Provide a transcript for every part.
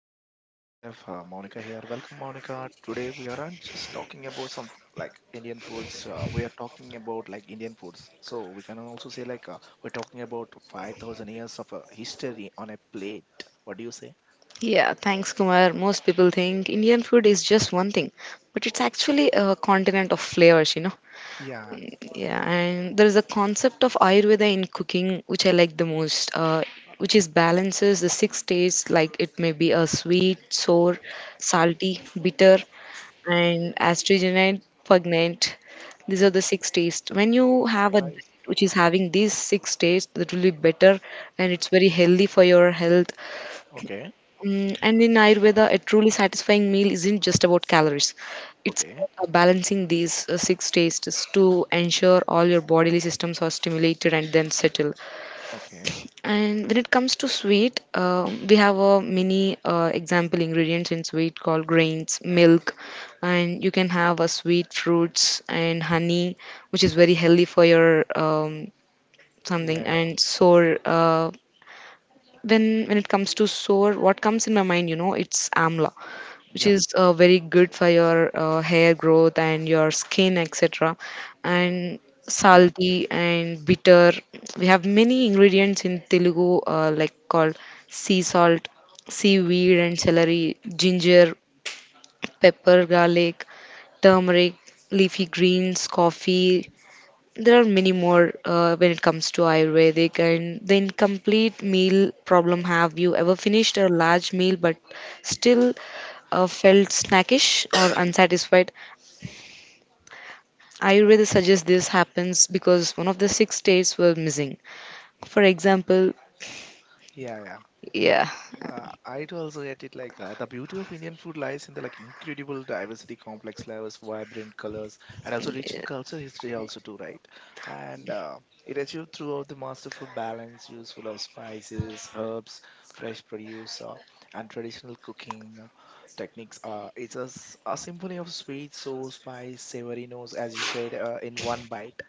Today we have Monica here. Welcome, Monica. Today we aren't just talking about some like Indian foods. We are talking about like Indian foods. So we can also say like we're talking about 5,000 years of history on a plate. What do you say? Yeah, thanks, Kumar. Most people think Indian food is just one thing, but it's actually a continent of flavors, Yeah. Yeah, and there is a concept of Ayurveda in cooking, which I like the most, which is balances the six tastes, like it may be a sweet, sour, salty, bitter, and astringent, pungent. These are the six tastes. When you have a I diet s- which is having these six tastes, that will be better, and it's very healthy for your health. Okay. Mm, and in Ayurveda, a truly satisfying meal isn't just about calories. It's Okay. about balancing these six tastes to ensure all your bodily systems are stimulated and then settle. Okay. And when it comes to sweet, we have a mini example ingredients in sweet called grains, milk, and you can have a sweet fruits and honey, which is very healthy for your something. Yeah. Yeah. And sour. When it comes to sour, what comes in my mind, it's amla, which Yeah. is very good for your hair growth and your skin, etc., and Yeah. salty and bitter, we have many ingredients in Telugu, like called sea salt, seaweed and celery, ginger, pepper, garlic, turmeric, leafy greens, coffee. There are many more, when it comes to Ayurvedic and the incomplete meal problem. Have you ever finished a large meal but still felt snackish or unsatisfied? Ayurveda suggests this happens because one of the six states were missing. For example, Yeah. Yeah. yeah, I'd also get it like the beauty of Indian food lies in the like incredible diversity, complex flavors, vibrant colors, and also rich yeah, in culture history also too, right? And it achieved throughout the masterful balance, useful of spices, herbs, fresh produce, and traditional cooking techniques. A symphony of sweet, sour, spice, savory notes, as you said, in one bite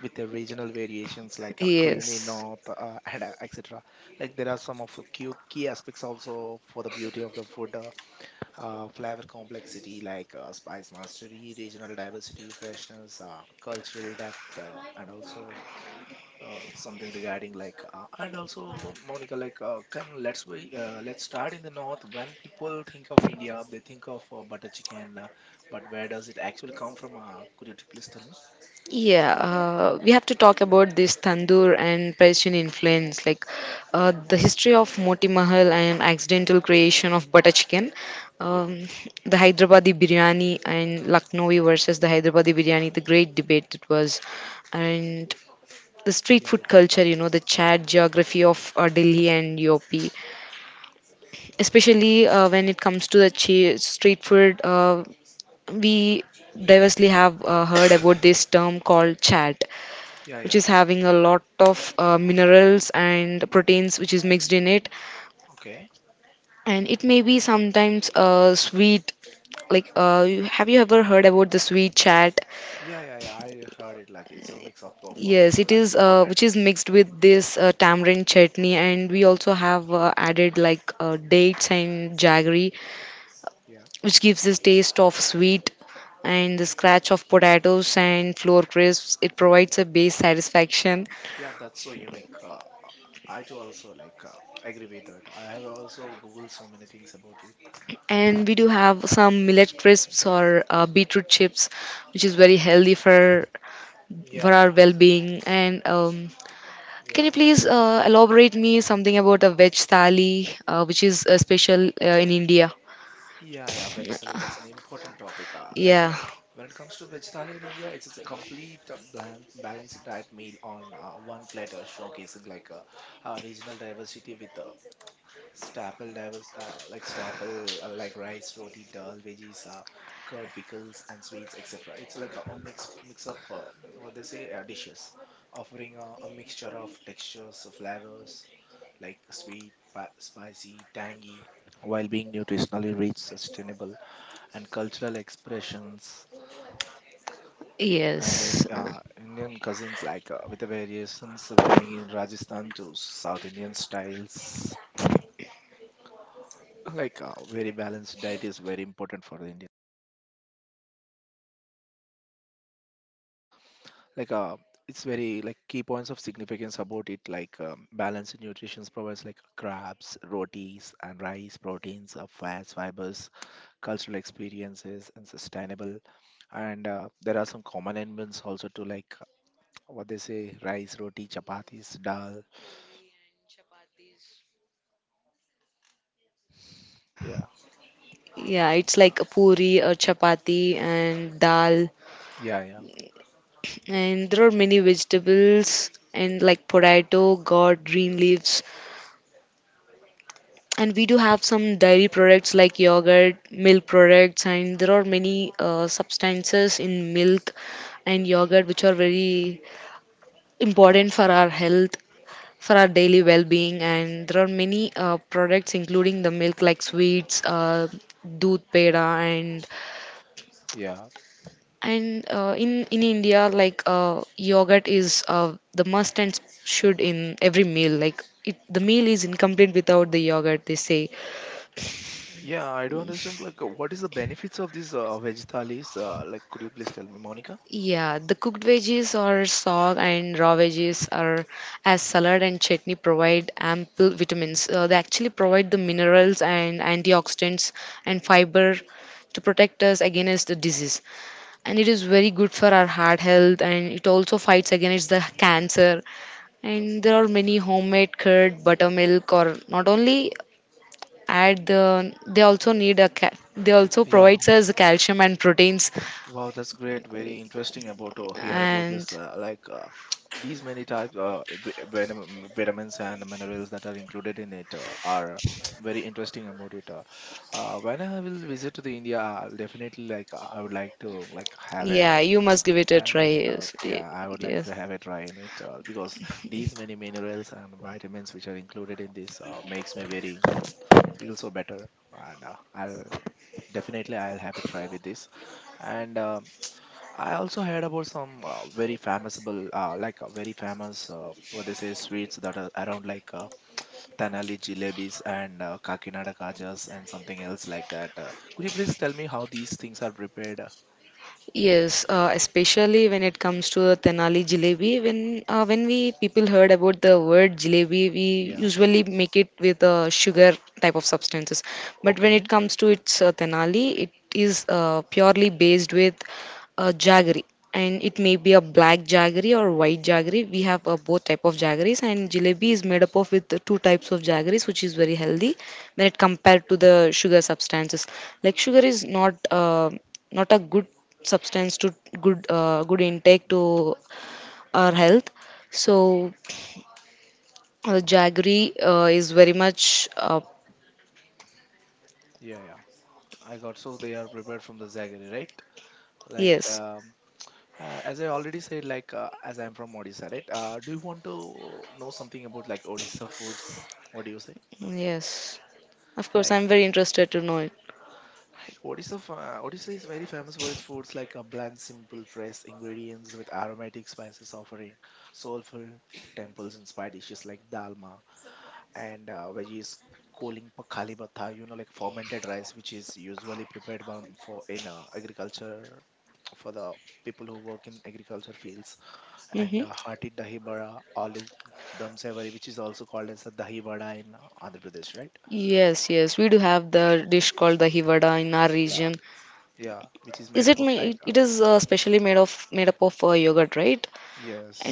with the regional variations like a creamy north and etc. Like there are some of the key aspects also for the beauty of the food, flavor complexity yes, like spice mastery, regional diversity, freshness, cultural depth, and also something regarding like and also Monica like can let's we let's start in the north. When people think of India, they think of butter chicken, but where does it actually come from? Could you please tell me? yeah, we have to talk about this tandoor and Persian influence, like the history of Moti Mahal and accidental creation of butter chicken, Yeah, um, the Hyderabadi biryani and Lucknowi versus the Hyderabadi biryani, the great debate it was, and the street yeah, food yeah, culture, you know, the Chad geography of Delhi and UP, especially when it comes to the street food, we diversely have heard about this term called chat, yeah, which yeah. is having a lot of minerals and proteins which is mixed in it, Okay. and it may be sometimes sweet, like have you ever heard about the sweet chat? Yeah, yeah, yeah. I heard it like it's a mix up of Yes it like is, which is potatoes. mixed Uh, with this tamarind chutney, and we also have added like dates and jaggery, yeah, which gives this taste of sweet, and the scratch of potatoes and flour crisps, it provides a base satisfaction. yeah, that's so unique. I too also like agree with that. I have also googled so many things about it. And we do have some millet crisps or beetroot chips, which is very healthy Yeah, for yeah, our well-being. And can yeah, you please elaborate me something about a veg thali, which is special in India? yeah, yeah. Veg salad. That's an important topic. Yeah. When it comes to vegetarian in India, it's just a complete bland, balanced diet meal on one platter, showcasing like regional diversity with staple divers like staple like rice roti dal veggies curd pickles and sweets etc. It's like a mix up what they say dishes offering a mixture of textures of flavors like spicy tangy while being nutritionally rich sustainable and cultural expressions and in, Yes. Indian cuisines like with the variations varying in Rajasthan to South Indian styles like a very balanced diet is very important for the Indian. Like uh, it's very like key points of significance about it. Like balanced nutrition provides like crabs, rotis, and rice proteins, fats, fibers, cultural experiences, and sustainable. And there are some common elements also to like what they say: rice, roti, chapatis, dal. Yeah, yeah, it's Uh, like a puri or chapati and dal. yeah, yeah. And there are many vegetables, and like potato, gourd, green leaves. And we do have some dairy products like yogurt, milk products, and there are many substances in milk and yogurt which are very important for our health, for our daily well-being. And there are many products including the milk like sweets, doodh peda, and Yeah, and in India, like, yogurt is, the must and should in every meal, like it, the meal is incomplete without the yogurt, they say. yeah, I do understand. Like, what is the benefits of these veg thalis? Like, could you please tell me, Monica? Yeah, the cooked veggies or sog and raw veggies are as salad and chutney, provide ample vitamins. They actually provide the minerals and antioxidants and fiber to protect us against the disease. And it is very good for our heart health, and it also fights against the cancer. And there are many homemade curd, buttermilk, or not only add the they also need a ca- they also Yeah. provides us calcium and proteins, Wow, that's great. Very interesting about to hear about this. and these many types vitamins and minerals that are included in it are very interesting about it. When I will visit to the India, I'll definitely like I would like to like have yeah, a you must give it a I'll try. let it out. Yes, Yeah, I would like yes. to have a try in it because these many minerals and vitamins which are included in this makes me very feel so better and I'll definitely, I'll have a try with this. And I also heard about some very famousable, very famous, what they say, sweets that are around like Tanali jalebis and Kakinada kajas and something else like that. Could you please tell me how these things are prepared? Yes, especially when it comes to a Tenali jalebi. When we people heard about the word jalebi, we Yeah. usually make it with sugar type of substances. But when it Okay. comes to its Tenali, it is purely based with jaggery, and it may be a black jaggery or white jaggery. We have both type of jaggeries, and jalebi is made up of with the two types of jaggeries, which is very healthy when it compared to the sugar substances. Like sugar is not. Not a good substance to good good intake to our health, so jaggery is very much Yeah, yeah. I got so they are prepared from the jaggery, right? Like yes, as I already said, like as I'm from Odisha, right? Do you want to know something about like Odisha foods? What do you say? yes, of course, Like. I'm very interested to know it. Like Odisha is very famous for its foods like a bland, simple, fresh ingredients with aromatic spices offering soulful temples inspired dishes like dalma and veggies calling pakhali batha, you know, like fermented rice, which is usually prepared by, for in agriculture for the people who work in agriculture fields and Hmm. hearty dahi bada, aloo dum sevari, which is also called as a dahi vada in Andhra Pradesh, right? Yes, yes, we do have the dish called the hivada in our Yeah, region. yeah, which is Is made up it of like it it is specially made up of yogurt, right?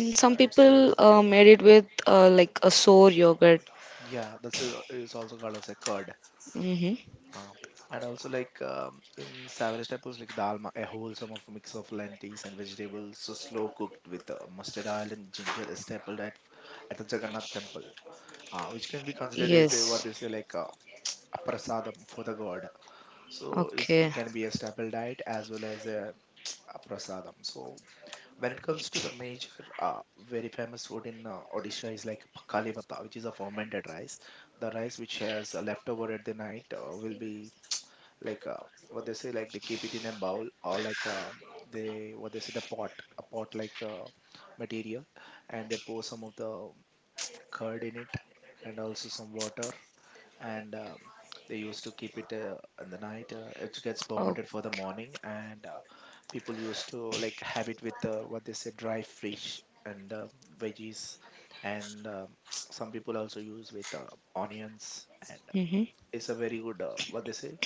And some it's made of people yogurt. made it with like a sour yogurt. Yeah, that's a, it's also called as a curd. Hmm. Um, and also like in Savage temples like dalma, a wholesome of mix of lentils and vegetables, so slow cooked with mustard oil and ginger is stapled at the Jagannath temple, which can be considered as a what Yes. they say like a prasadam for the god. So it's, it Okay. can be a staple diet as well as a prasadam. So when it comes to the major, very famous food in Odisha is like pakhali bhatta, which is a fermented rice. The rice which has leftover at the night will be like uh, what they say, like they keep it in a bowl or like they what they say the pot, a pot like material, and they pour some of the curd in it and also some water and they used to keep it in the night. It gets Oh. fermented for the morning, and people used to like have it with what they say dry fish and veggies, and some people also use with onions. And Hmm. it's a very good what they say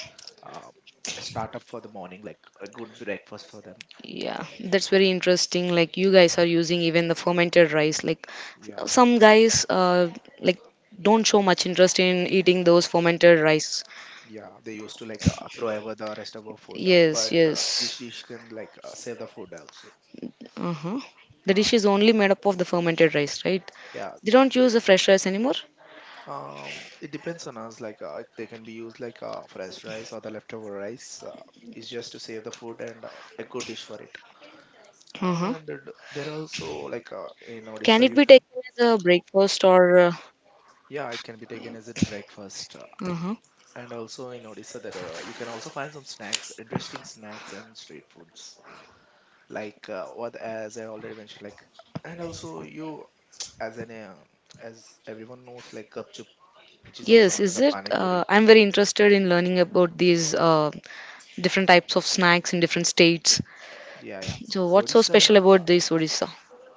uh, startup for the morning, like a good breakfast for them. Yeah, that's very interesting. Like, you guys are using even the fermented rice. Like Yeah. some guys, like don't show much interest in eating those fermented rice. Yeah, they used to like throw away the rest of our food, uh, Yes, but uh, this yes. dish can like save the food also. Uh huh. The Uh, dish is only made up of the fermented rice, right? yeah, They don't use the fresh rice anymore. It depends on us. Like they can be used like fresh rice or the leftover rice. It's just to save the food and a good dish for it. Uh huh. And there are also like in Can Odisha it you be can taken as a breakfast or? yeah it can be taken as a breakfast. Uh huh. And also in Odisha that you can also find some snacks, interesting snacks and street foods. Like what as I already mentioned like and also you as an as everyone knows like gupchup which is also Yes, known as is the it? pani puri. I'm very interested in learning about these different types of snacks in different states. Yeah, yeah. So, what's so Odisha special about this Odisha?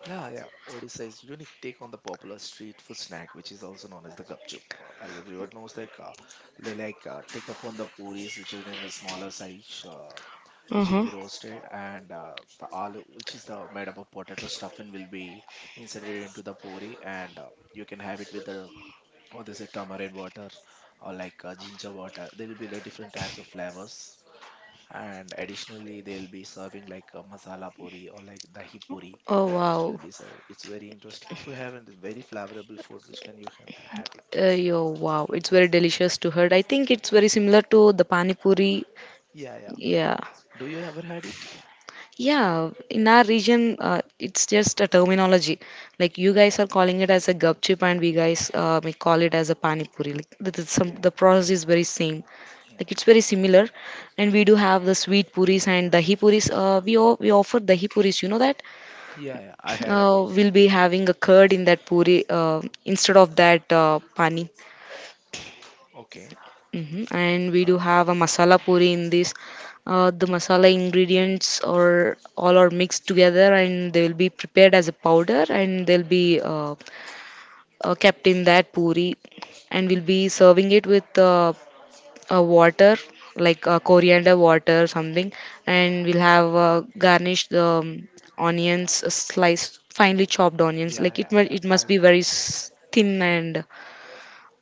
La yeah, Odisha's unique take on the popular street food snack, which is also known as the gupchup. As everyone knows, like they like take up on the puris, which is in the smaller size, which will Mm-hmm. be roasted, and the aloo, which is the made up of potato stuffing, will be inserted into the puri, and you can have it with the or they say tamarind water or like ginger water. There will be like different types of flavors and additionally, they'll be serving like a masala puri or like dahi puri, Oh which will wow. be served. It's very interesting to have and it's very flavorable food, which can you can have it. Yo, wow, it's very delicious to hear. I think it's very similar to the pani puri. Yeah, yeah. Yeah. Do you ever had it? Yeah, in our region, it's just a terminology. Like you guys are calling it as a gupchup, and we guys, we call it as a pani puri. Like some, Yeah, the process is very same. Mm. Like it's very similar, and we do have the sweet puris and dahi puris. We offer dahi puris. You know that. Yeah, yeah. I had about Uh, it. we'll be having a curd in that puri, instead of that pani. Okay. Hmm. And we do Uh, have a masala puri in this. The masala ingredients are all are mixed together, and they will be prepared as a powder, and they'll be kept in that puri, and we'll be serving it with water, like coriander water or something, and we'll have garnished onions, sliced finely chopped onions, yeah, like yeah, yeah. it I must be very thin, and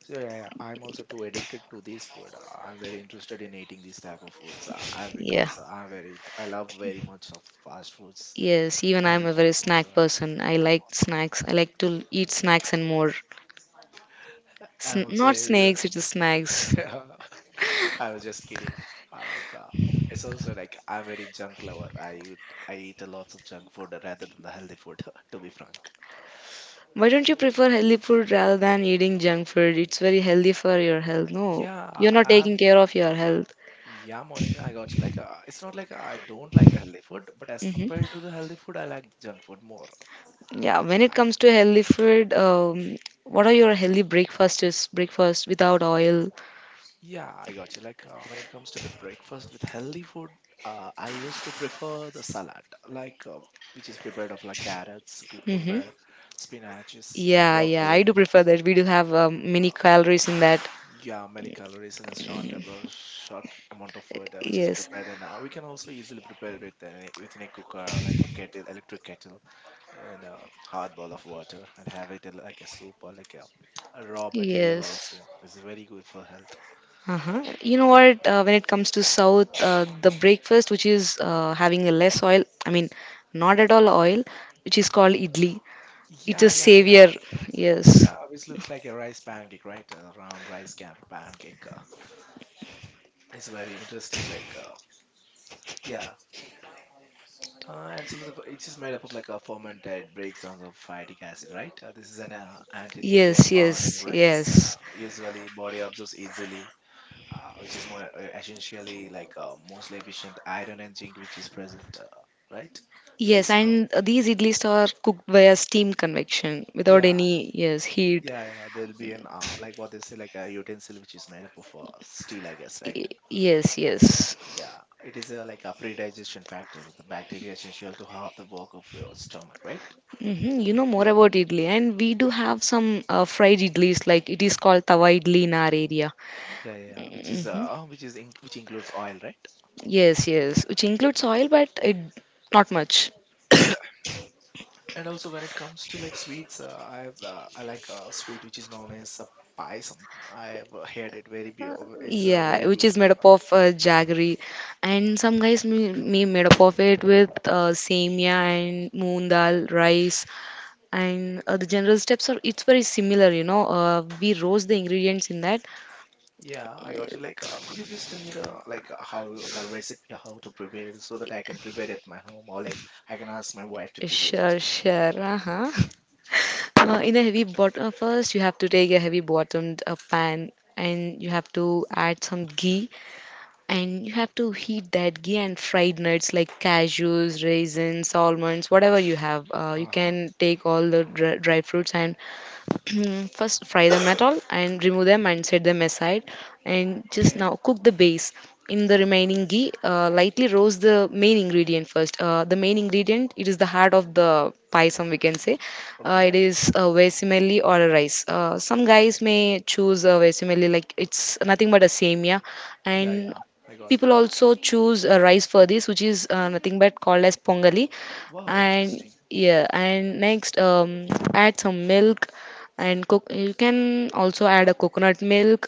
so yeah, yeah. I'm also too addicted to this food. I'm very interested in eating these type of foods. I yeah, because I'm very I love very much of fast foods yes, even and I'm the a junk very food. snack person. I And like all. snacks. I like to eat snacks and more. I'm also Not snakes, a- it is snacks. I was just kidding. Uh, like uh, it's also like I'm very junk lover. I eat a lots of junk food rather than the healthy food. To be frank. Why don't you prefer healthy food rather than eating junk food? It's very healthy for your health. No, Yeah, you're not taking um, care of your health. yeah, Monica, I got you. Like, it's not like I don't like the healthy food, but as Hmm. compared to the healthy food, I like junk food more. Yeah, when it Uh, comes to healthy food, what are your healthy breakfasts? Breakfast without oil. Yeah, I got you. Like, when it comes to the breakfast with healthy food, I used to prefer the salad, like, which is prepared of like carrots, Hmm. cucumber, spinaches, and Yeah, yeah, I do broccoli. prefer that. We do have many calories in that. Yeah, many calories in a short amount of food which is Yes, prepared, and we can also easily prepare it with within a cooker, or like a kettle, electric kettle, and a hard bowl of water, and have it like a soup or like a raw material. yes. Also, this is very good for health. Uh-huh. You know Yeah, what? When it comes to South, the breakfast which is having a less oil, I mean, not at all oil, which is called idli. It's yeah, a yeah, yeah, savior. Yes, yeah. Which looks like a rice pancake, right? A round rice cap pancake. It's very interesting. Like, yeah, it is made up of like a fermented breakdowns of phytic acid, right? This is an anti-nutrient yes, yes, found in yes. yes, Grains. Yes, Usually, body absorbs easily, which is more essentially like mostly efficient iron and zinc, which is present, right? Which yes. is no, And these idlis are cooked via steam convection without yeah, any yes heat. yeah, yeah. There'll be an like what they say like a utensil which is made up of steel, I guess, right? Y- Yes, yes. Yeah, it is a, like a pre-digestion factor. The bacteria is essential to half the work of your stomach, right? Hmm. You know more about idli, and we do have some fried idlis, like it is called tawa idli in our area. Yeah, yeah, yeah, Hmm. Which includes oil, right? Yes, Uh, yes, which includes oil, but it not much. And also when it comes to like sweets, I like a sweet which is known as a paisam. I've heard it very beautiful. It's a very Yeah, which is beautiful made up one. of jaggery, Uh, and some guys made up of it with semia and moong dal, rice, and the general steps are it's very similar. You know, we roast the ingredients in that. yeah, I got you. Like, could you please tell me the like how the recipe, how to prepare it, so that I can prepare it at my home, or like I can To ask my prepare wife to it. prepare it. Sure, sure. Uh-huh. In a heavy bottom, first you have to take a heavy bottomed pan, and you have to add some ghee, and you have to heat that ghee and fried nuts like cashews, raisins, almonds, whatever you have. You Uh huh. can take all the dry fruits and first, fry them at all and remove them and set them aside. And just Okay. now cook the base in the remaining ghee. Lightly roast the main ingredient first. The main ingredient, it is the heart of the pie. Some we can say Okay. it is a vesemeli or a rice. Some guys may choose a vesemeli, like it's nothing but a semia, Yeah, and yeah. I got it. people also choose rice for this, which is nothing but called as pongali. Wow, And interesting. next, add some milk and cook. You can also add a coconut milk.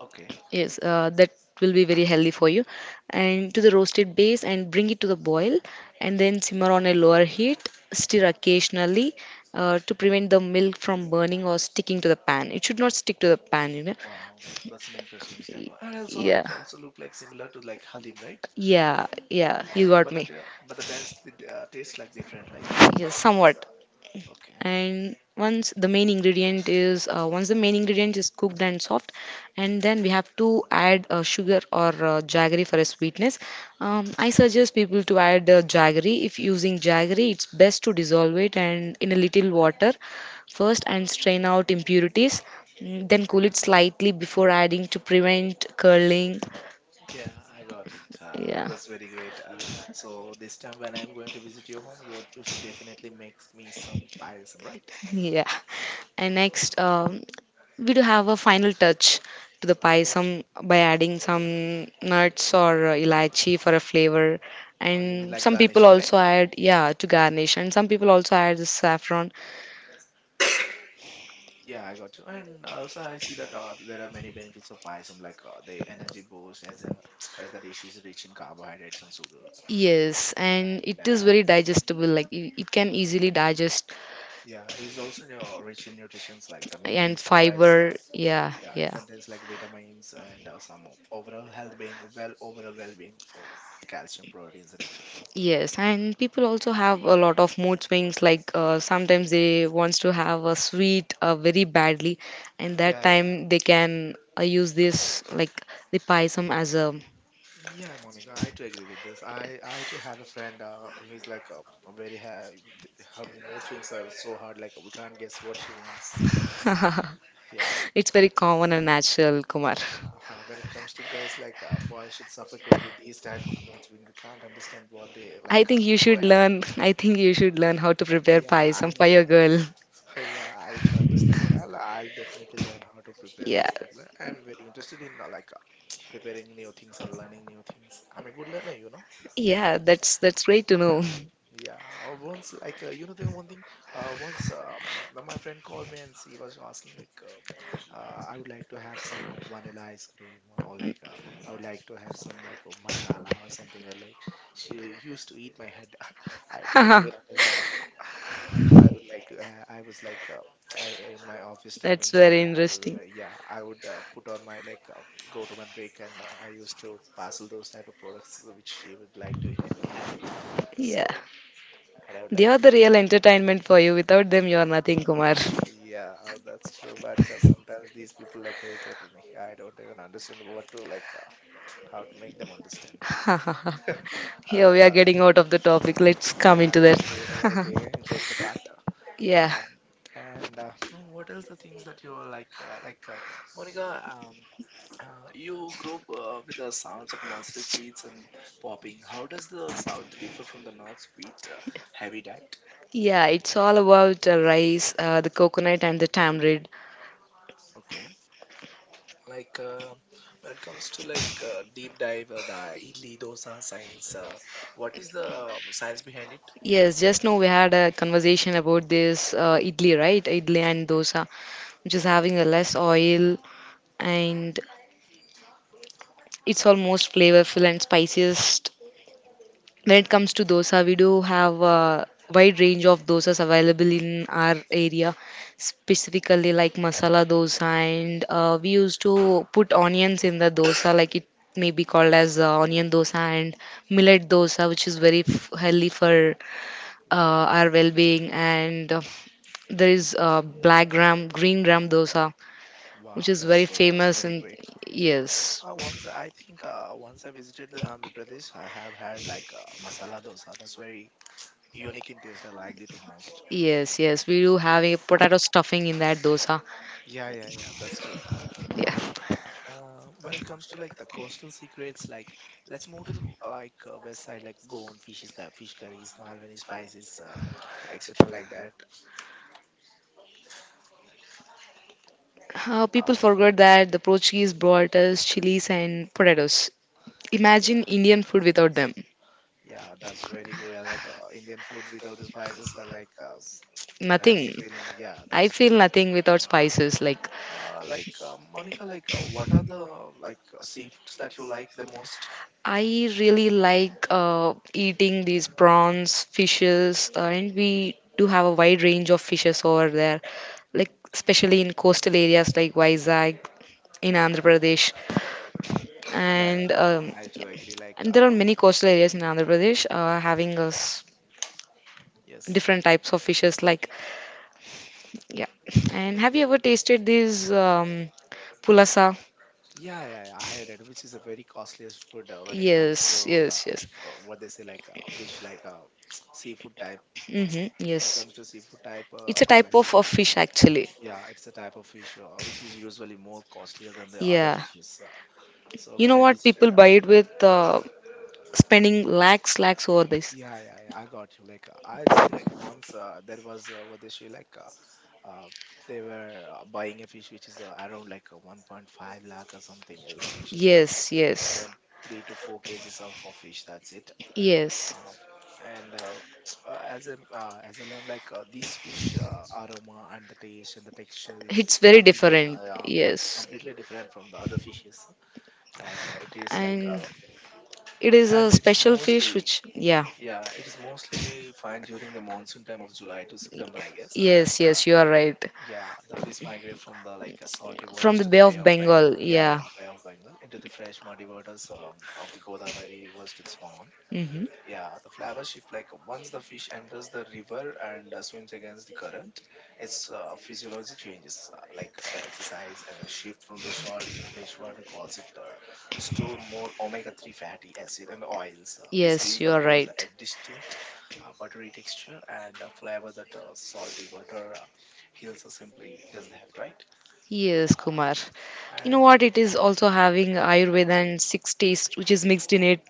Okay. Yes that will be very healthy for you. And to the roasted base, and bring it to the boil, and then simmer on a lower heat. Stir occasionally, to prevent the milk from burning or sticking to the pan. It should not stick to the pan you know Wow, that's an interesting step. And also, Yeah, it also look like similar to like halim, right? yeah, yeah, you Yeah, got but me. the taste tastes like different, like Yes, quantities. somewhat. Okay. And once the main ingredient is cooked and soft, and then we have to add sugar or jaggery for a sweetness. I suggest people to add jaggery. If using jaggery, it's best to dissolve it and in a little water first and strain out impurities. Mm, then cool it slightly before adding to prevent curling. Yeah, I got it. Yeah. That's very great. So this time when I'm going to visit your home, you should definitely make me some payasam, right? Yeah, and next, we do have a final touch to the pie, About, some by adding some nuts or elaichi for a flavor. oh, you mean And like some garnish. people also add, yeah, to garnish. And some people also add the saffron. Yeah, I got you. And also, I see that there are many benefits of Payasam, like the energy boost, as a as the dish is rich in carbohydrates and sugar, Yes, and and it is very digestible. Like it can easily digest. yeah, it's also rich in nutrients like the milk And base provides. Fiber. Yeah, Yeah, it yeah. contains like vitamins and some overall well being for calcium, proteins, and etc. Yes, and people also have a lot of mood swings. Like sometimes they wants to have a sweet very badly, and that Yeah, yeah. time they can use this like the payasam as a. Yeah, Monica, I too agree with this. I too have a friend who's like very ha- her mood swings are so hard. Like we can't guess what she wants sometimes. Yeah, It's very common and natural, Kumar. yeah. When it comes to girls, like boys should suffocate with these type of mood swing. We can't understand what they I like. Think you Go should ahead. learn. I think you should learn how to prepare Yeah, I payasam for got. your girl. Yeah, I too understand it. I'll definitely learn how to prepare Yeah, these type. Like, I'm very interested in like preparing new things or learning new things. I'm a good learner. yeah, that's great to Yeah. know. Yeah, once like you know the one thing once my friend called me and she was asking like I would like to have some vanilla ice cream or like I would like to have some like a masala or something like she used to eat my head. I don't even understand. I would like to. I was like I in my office That's timings. very I'll, interesting. Yeah, I would put on my like go to my break and I used to parcel those type of products which she would like to ha have it. Yeah. So and I would They like are to. the real entertainment for you. Without them, you are Yeah, nothing, Kumar. yeah, that's true. But sometimes these people like irritate me. I don't even understand what to like, how to make them understand. Uh, Here we are uh, getting out of the topic. Let's come yeah, into that. keep it all okay. Jokes apart. uh, Yeah, Um, and no, what else the things that you are like Monica? You grew up with the sounds of mustard seeds and popping. How does the south differ from the north's wheat heavy diet? yeah, it's all about rice, the coconut, and the tamarind. Okay. Like when it comes to like deep dive, the idli dosa science, what is the science Yes, just behind now we it? had a conversation about this idli, right? Idli and dosa, which is having a less oil, and it's almost flavorful and spiciest. When it comes to dosa, we do have a wide range of dosas available in our area, specifically like masala dosa, and we used to put onions in the dosa. Like it may be called as onion dosa, and millet dosa, which is very healthy for our well-being. And there is black gram, green gram dosa, which is very famous. And yes, Wow, wow, yes, yes, that's we do very have great. a potato stuffing in that dosa. Once I think once I visited the Yeah. Andhra Pradesh, I have had like masala dosa. That's very unique in taste. I liked it the most. Yeah, yeah, yeah, that's true. When it comes to like the coastal secrets, like People let's move to the forgot like that the west side, like Portuguese Goan fishes, brought fish us curries, Malwani chilies spices, and potatoes. etc., like that. Imagine Indian food without them. Oh, yeah. Yeah, that's Nothing. very great. Like Indian I food feel without the nothing spices are like without an spices. empty Like feeling. Yeah, that's true. Like Monica, like what are the like seafoods that you like the most? I really like eating these prawns, fishes, and we do have a wide range of fishes over there. Like especially in coastal areas like Vizag in Andhra Pradesh, Yeah, and um, yeah, I do agree. Like, and there are many coastal areas in Andhra Pradesh having us yes, different types of fishes like yeah. And have you yeah, ever tasted these pulasa? yeah, yeah, yeah. I had it, which is a very costliest food when it comes Yes, to the yes, yes. What they say, like fish, like seafood type. Mm-hmm, When it yes. comes to seafood type It's a or type like. of fish actually. Yeah, it's a type of fish which is usually more costlier than the other Yeah. fishes. So You when know I what? People visited, buy it with spending lakhs, lakhs over this. yeah, yeah, yeah, I got you. Like I've seen like once there was what they say like uh, they were buying a fish which is around like 1.5 lakh or something else, which is Yes, yes, around 3 to 4 kgs of, a fish. That's it. yes. Um, and as I learned, like these fish aroma and the taste and the texture, It's it's very completely different. Well, it's Yes. completely different from the other fishes. And it is like And it is and a it's special fish mostly. which, yeah. Yeah, it is mostly fine during the monsoon time of July to September I guess, and Yes, yes, you are right. yeah, the fish migrate from the like salty From waters the to Bay the Bay of of Bengal, Bengal. Yeah, yeah. yeah. Bay of Bengal into the fresh muddy waters of the Godavari rivers to the spawn. Hmm. Yeah, the flavor shift like once the fish enters the river and swims against the current, its physiology changes. Like the exercise and the shift from the salt to the fresh water cause it to store more omega-3 fatty acid and oils. This Yes, gives you the are pulse a right. distinct buttery texture and a flavor that salty water hills are simply doesn't have it, right? Yes, Kumar. You And know what? It is also having Ayurveda and six taste, which is mixed in it.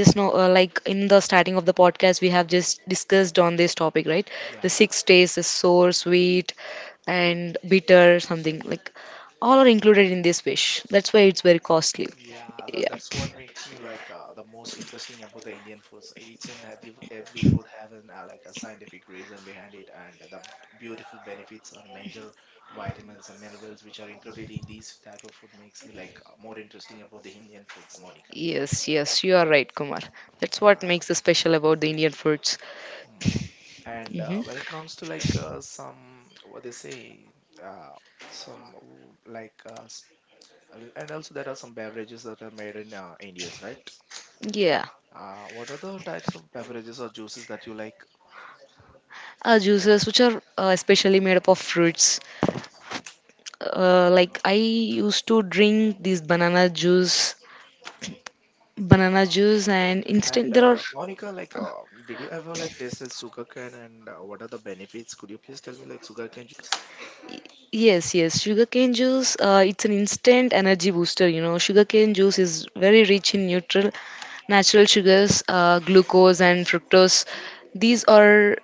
uh, know, like in the starting of the podcast, we have just discussed on this topic, right? yeah, The yeah. six tastes is sour, sweet, and bitter, something like all are included in this fish. That's why it's very costly. Yeah, Yeah. that's what makes me like the most interesting about the Indian foods. Each and every food have an like a scientific reason behind it, and the beautiful benefits and major vitamins and minerals which are included in these type of food makes me like more interesting about the Indian foods, Monica. Yes, yes, you are right, Kumar. That's what Uh, makes it special about the Indian foods. hmm. And Hmm. when it comes to like some what they say, uh, some like and also there are some beverages that are made in India's, right? Yeah, What are the types of beverages or juices that you like? Juices which are especially made up of fruits, like I used to drink these banana juice, banana juice and And instant there are. Monica, like, did you ever like tasted sugarcane and what are the benefits? Could you please tell me like sugarcane juice? Yes, yes. Sugarcane juice, it's an instant energy booster. You know, sugarcane juice is very rich in neutral natural sugars, glucose and fructose. These are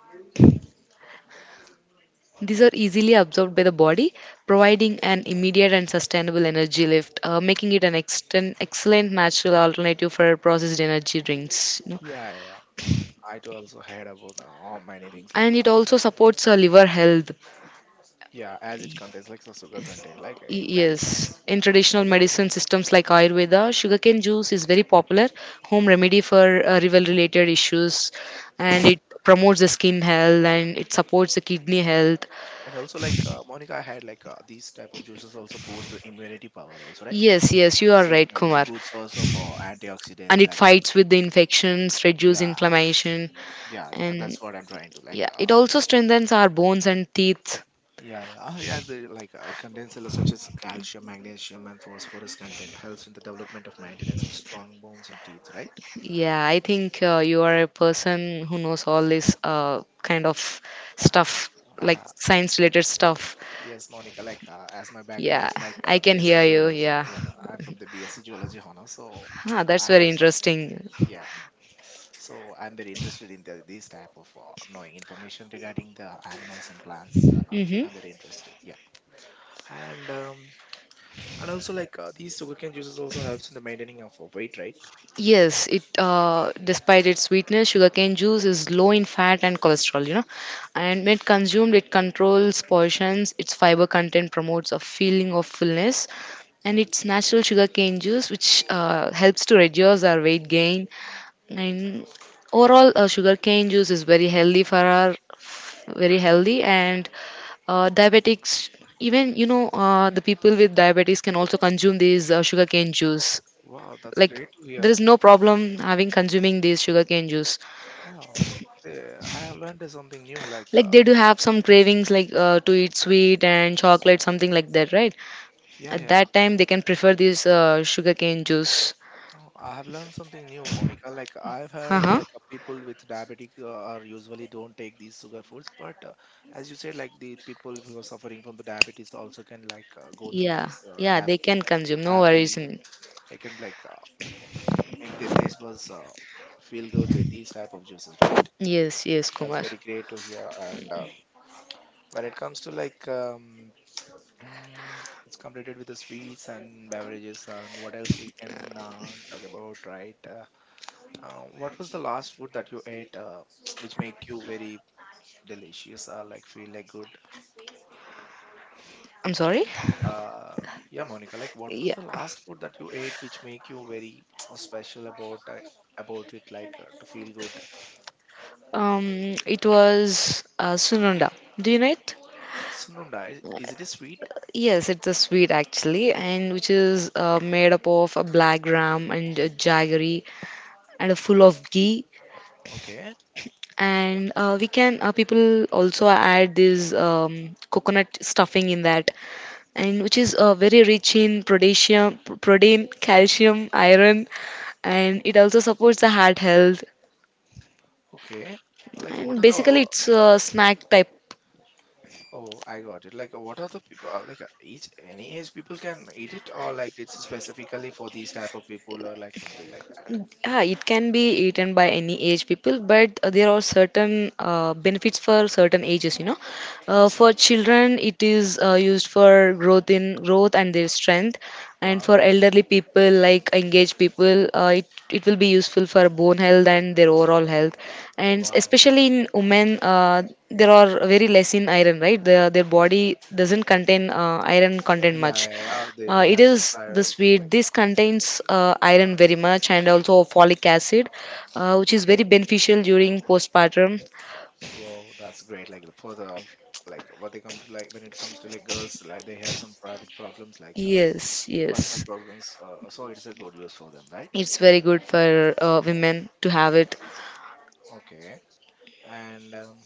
these are easily absorbed by the body, providing an immediate and sustainable energy lift, making it an excellent natural alternative for processed energy drinks. You know, Yeah, yeah, yeah. I too also heard about all many things like and it also supports liver health. yeah, as it contains like the sugar content, like it balances. Yes, in Yeah, I traditional got it. medicine systems like Ayurveda, sugarcane juice is very popular home remedy for rival related issues, and it promotes the skin health, and it supports the kidney health. And also like Monica, I had like these type of juices also boost the immunity power also, right? Yes, yes, you are So it right, was a Kumar. good source of And antioxidants. it Like fights with the infections, reduce yeah, inflammation, yeah, yeah, that's and what I'm trying to like. yeah, it also strengthens our bones and teeth. Yeah, yeah. Ah, yes, like it contains such as calcium, magnesium, and phosphorus content. Helps in the development of maintenance of strong bones and teeth, right? Yeah, I think you are a person who knows all this kind of Uh, stuff, like aha. science related stuff. Yes, Monica. Like as my background Yeah, is like I can hear BSc you. geology. Yeah, Yeah, I'm from the BSc geology honor, so ah, that's I very have some. Like, interesting. yeah, so I'm very interested in these type of knowing information regarding the animals and plants. Mm-hmm. I'm very interested. Yeah, and um, and also like these sugarcane juices also helps in the maintaining of weight, right? Yes, it despite its sweetness, sugarcane juice is low in fat and cholesterol, you know. And when consumed, it controls portions. Its fiber content promotes a feeling of fullness, and its natural sugarcane juice, which helps to reduce our weight gain. And overall, sugarcane juice is very healthy for our, very healthy, and diabetics, even you know, the people with diabetes can also consume these sugarcane juice. Wow, that's Like great to there hear. is no problem having consuming these sugarcane juice. Wow. Eh, I have learned something new. Like, Like they do have some cravings, like to eat sweet and chocolate, something like that, right? yeah, At yeah. that time, they can prefer this sugarcane juice. Oh, I have learned something new, Monica. Like, I've Uh heard huh. like people with diabetic are usually don't take these sugar foods, but as you said, like the people who are suffering from the diabetes also can like go through Yeah, these, yeah, have they can consume. No have worries. the, I can like make their taste buds feel good with these type of juices, right? Yes, yes, That's Kumar. very great to hear. And when it comes to like it's completed with the sweets and beverages and what else we can talk about, right? What was the last food that you ate which make you very delicious or like feel like good? I'm sorry. Uh, yeah, Monica, like what was Yeah. the last food that you ate which make you very special about it, like to feel good? It was Sununda. Do you know it? Sununda, is it a sweet? Yes, it's a sweet actually, and which is made up of a black gram and a jaggery and a full of ghee. Okay, And we can people also add this coconut stuffing in that, and which is very rich in potassium, protein, calcium, iron, and it also supports the heart health. okay. Like what And are the. basically, it's a snack type. Oh, I got it. Like, what are the people like? Each any age people can eat it, or like it's specifically for these type of people, or like something like that. Yeah, it can be eaten by any age people, but there are certain benefits for certain ages. You know, I see. for children, it is used for growth in growth and their strength, and Wow. for elderly people like engaged people it will be useful for bone health and their overall health, and Wow. especially in women, there are very less in iron, right? Their body doesn't contain iron content Yeah, much. yeah, yeah. They do It have some is the prior sweet, like. this contains iron very much, and also folic acid, which is Okay. very beneficial during postpartum. Wow, that's great. Like for the like what they come to like when it comes to like girls, like they have some private problems, like Yes, personal yes. problems. So it's a good use for them, right? It's very good for women to have it. Okay. And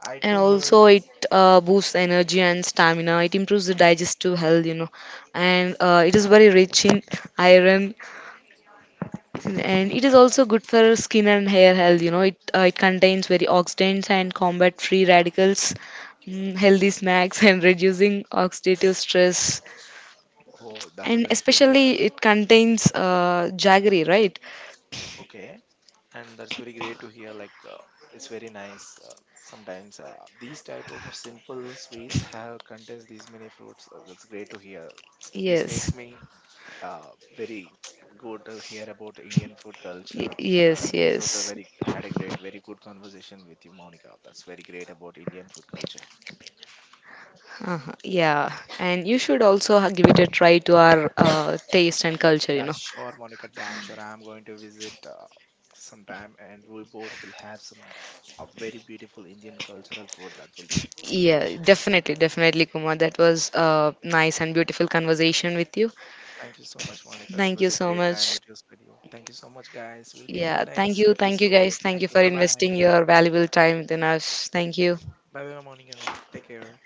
I And like to her. also, it boosts energy and stamina. It improves the digestive health, you know. And it is very rich in iron, and it is um, uh, also good for skin and hair health. You know, it it contains very antioxidants and combat free radicals. Mm, healthy snacks. And reducing oxidative stress, Oh, that's and great to hear. especially it contains jaggery, right? Okay. And that's very great to hear. Like it's very nice. Sometimes these type of simple sweets have contains these many fruits. That's great to hear. This makes Yes. me uh, very good to hear about Indian food culture. Yes, This was a yes. very had a great very good conversation with you Monica. That's very great about Indian food culture. Uh-huh. Yeah. And you should also give it a try to our taste and culture, you Yeah, know. sure Monica, damn sure I'm going to visit sometime and we both will have some a very beautiful Indian cultural food that will be Yeah, delicious. definitely, definitely, Kumar. That was a nice and beautiful conversation with you. Thank you so much, Monica. That Thank was you a so great time much. with your studio. Thank you so much, guys. We'll meet in the Yeah, thank next you. Thank you, episode. guys. Thank Thank you you. for Bye bye. investing your valuable time within us. Thank you. Bye bye, Monica. Take care.